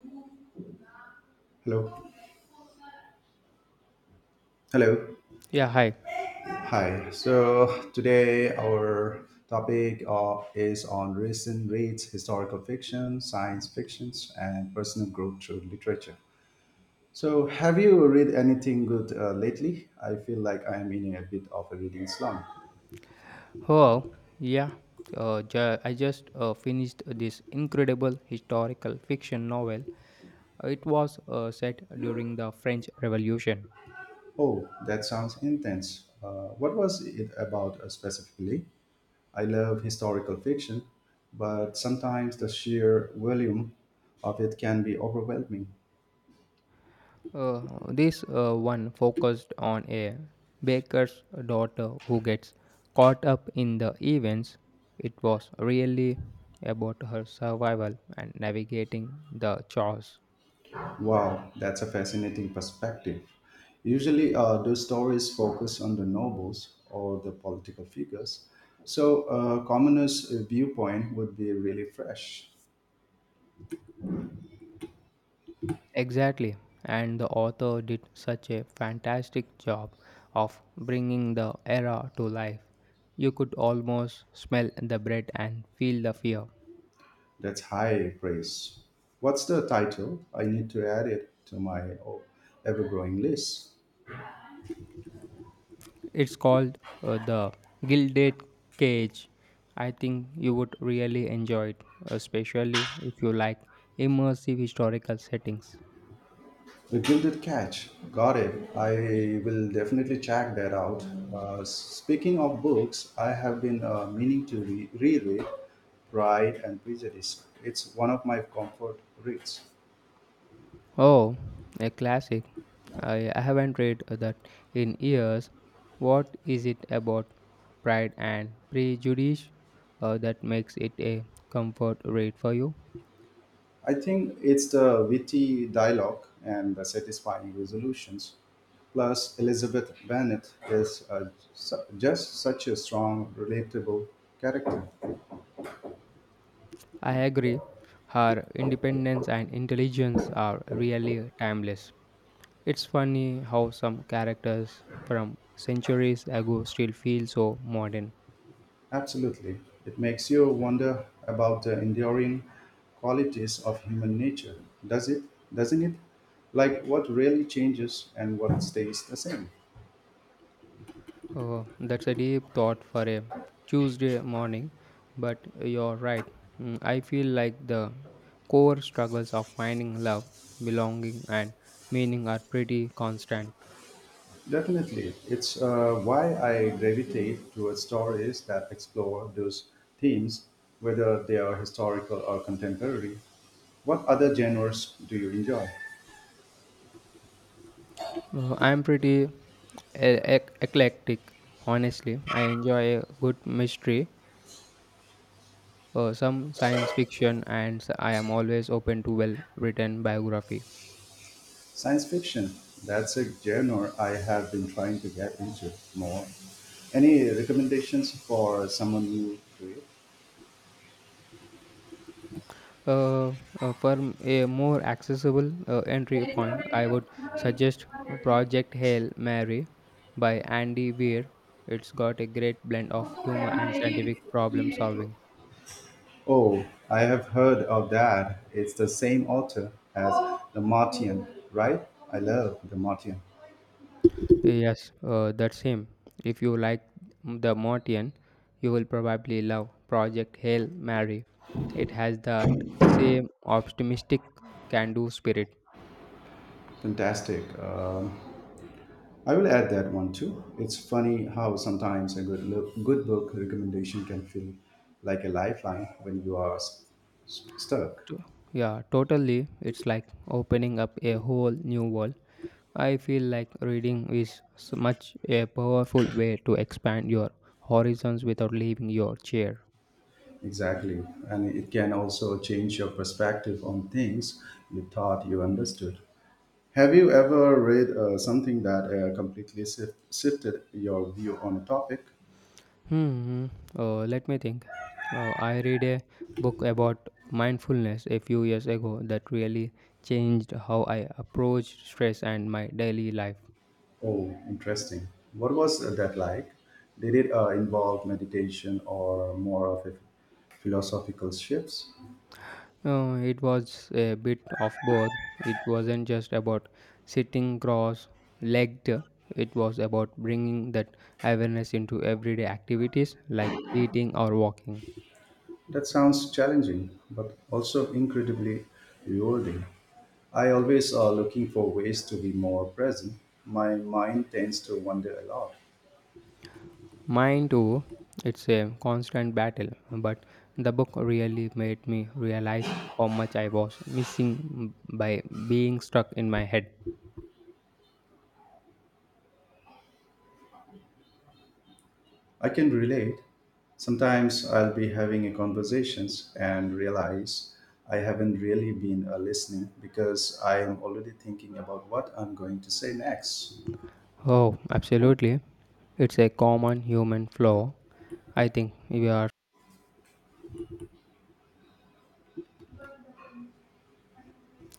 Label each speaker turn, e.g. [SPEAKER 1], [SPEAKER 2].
[SPEAKER 1] Hello. Hello.
[SPEAKER 2] Yeah, hi.
[SPEAKER 1] Hi. So today our topic is on recent reads, historical fiction, science fictions, and personal growth through literature. So have you read anything good lately? I feel like I'm in a bit of a reading slump.
[SPEAKER 2] Oh, yeah. I just finished this incredible historical fiction novel. It was set during the French Revolution.
[SPEAKER 1] Oh, that sounds intense. What was it about specifically? I love historical fiction, but sometimes the sheer volume of it can be overwhelming.
[SPEAKER 2] Uh, this one focused on a baker's daughter who gets caught up in the events. It was really about her survival and navigating the chaos.
[SPEAKER 1] Wow, that's a fascinating perspective. Usually, those stories focus on the nobles or the political figures, so a commoner's viewpoint would be really fresh.
[SPEAKER 2] Exactly, and the author did such a fantastic job of bringing the era to life. You could almost smell the bread and feel the fear.
[SPEAKER 1] That's high praise. What's the title? I need to add it to my ever growing list.
[SPEAKER 2] It's called The Gilded Cage. I think you would really enjoy it, especially if you like immersive historical settings.
[SPEAKER 1] The Gilded Catch. Got it. I will definitely check that out. Speaking of books, I have been meaning to reread Pride and Prejudice. It's one of my comfort reads.
[SPEAKER 2] Oh, a classic. I haven't read that in years. What is it about Pride and Prejudice that makes it a comfort read for you?
[SPEAKER 1] I think it's the witty dialogue and the satisfying resolutions. Plus, Elizabeth Bennet is just such a strong, relatable character.
[SPEAKER 2] I agree. Her independence and intelligence are really timeless. It's funny how some characters from centuries ago still feel so modern.
[SPEAKER 1] Absolutely. It makes you wonder about the enduring qualities of human nature, does it? Doesn't it? Like what really changes and what stays the same.
[SPEAKER 2] Oh, that's a deep thought for a Tuesday morning, but you're right. I feel like the core struggles of finding love, belonging, and meaning are pretty constant.
[SPEAKER 1] Definitely. It's why I gravitate towards stories that explore those themes, whether they are historical or contemporary. What other genres do you enjoy?
[SPEAKER 2] I'm pretty eclectic, honestly. I enjoy a good mystery, some science fiction, and I am always open to well written biography.
[SPEAKER 1] Science fiction. That's a genre I have been trying to get into more. Any recommendations for someone new to it?
[SPEAKER 2] Uh, for a more accessible entry point, I would suggest Project Hail Mary by Andy Weir. It's got a great blend of humor and scientific problem solving.
[SPEAKER 1] Oh, I have heard of that. It's the same author as The Martian, right? I love The Martian.
[SPEAKER 2] Yes, that's him. If you like The Mortian, you will probably love Project Hail Mary. It has that same optimistic can do spirit.
[SPEAKER 1] Fantastic. I will add that one too. It's funny how sometimes a good book recommendation can feel like a lifeline when you are stuck.
[SPEAKER 2] To- Yeah, totally. It's like opening up a whole new world. I feel like reading is much a powerful way to expand your horizons without leaving your chair.
[SPEAKER 1] Exactly, and it can also change your perspective on things you thought you understood. Have you ever read something that completely shifted your view on a topic?
[SPEAKER 2] Hmm. Let me think. I read a book about mindfulness a few years ago that really changed how I approached stress and my daily life.
[SPEAKER 1] Oh, interesting. What was that like? Did it involve meditation or more of a philosophical shifts?
[SPEAKER 2] It was a bit of both. It wasn't just about sitting cross legged, it was about bringing that awareness into everyday activities like eating or walking.
[SPEAKER 1] That sounds challenging, but also incredibly rewarding. I always are looking for ways to be more present. My mind tends to wander a lot.
[SPEAKER 2] Mine too, it's a constant battle, but the book really made me realize how much I was missing by being stuck in my head.
[SPEAKER 1] I can relate. Sometimes I'll be having a conversations and realize I haven't really been listening because I am already thinking about what I'm going to say next.
[SPEAKER 2] Oh, absolutely. It's a common human flaw. I think we are.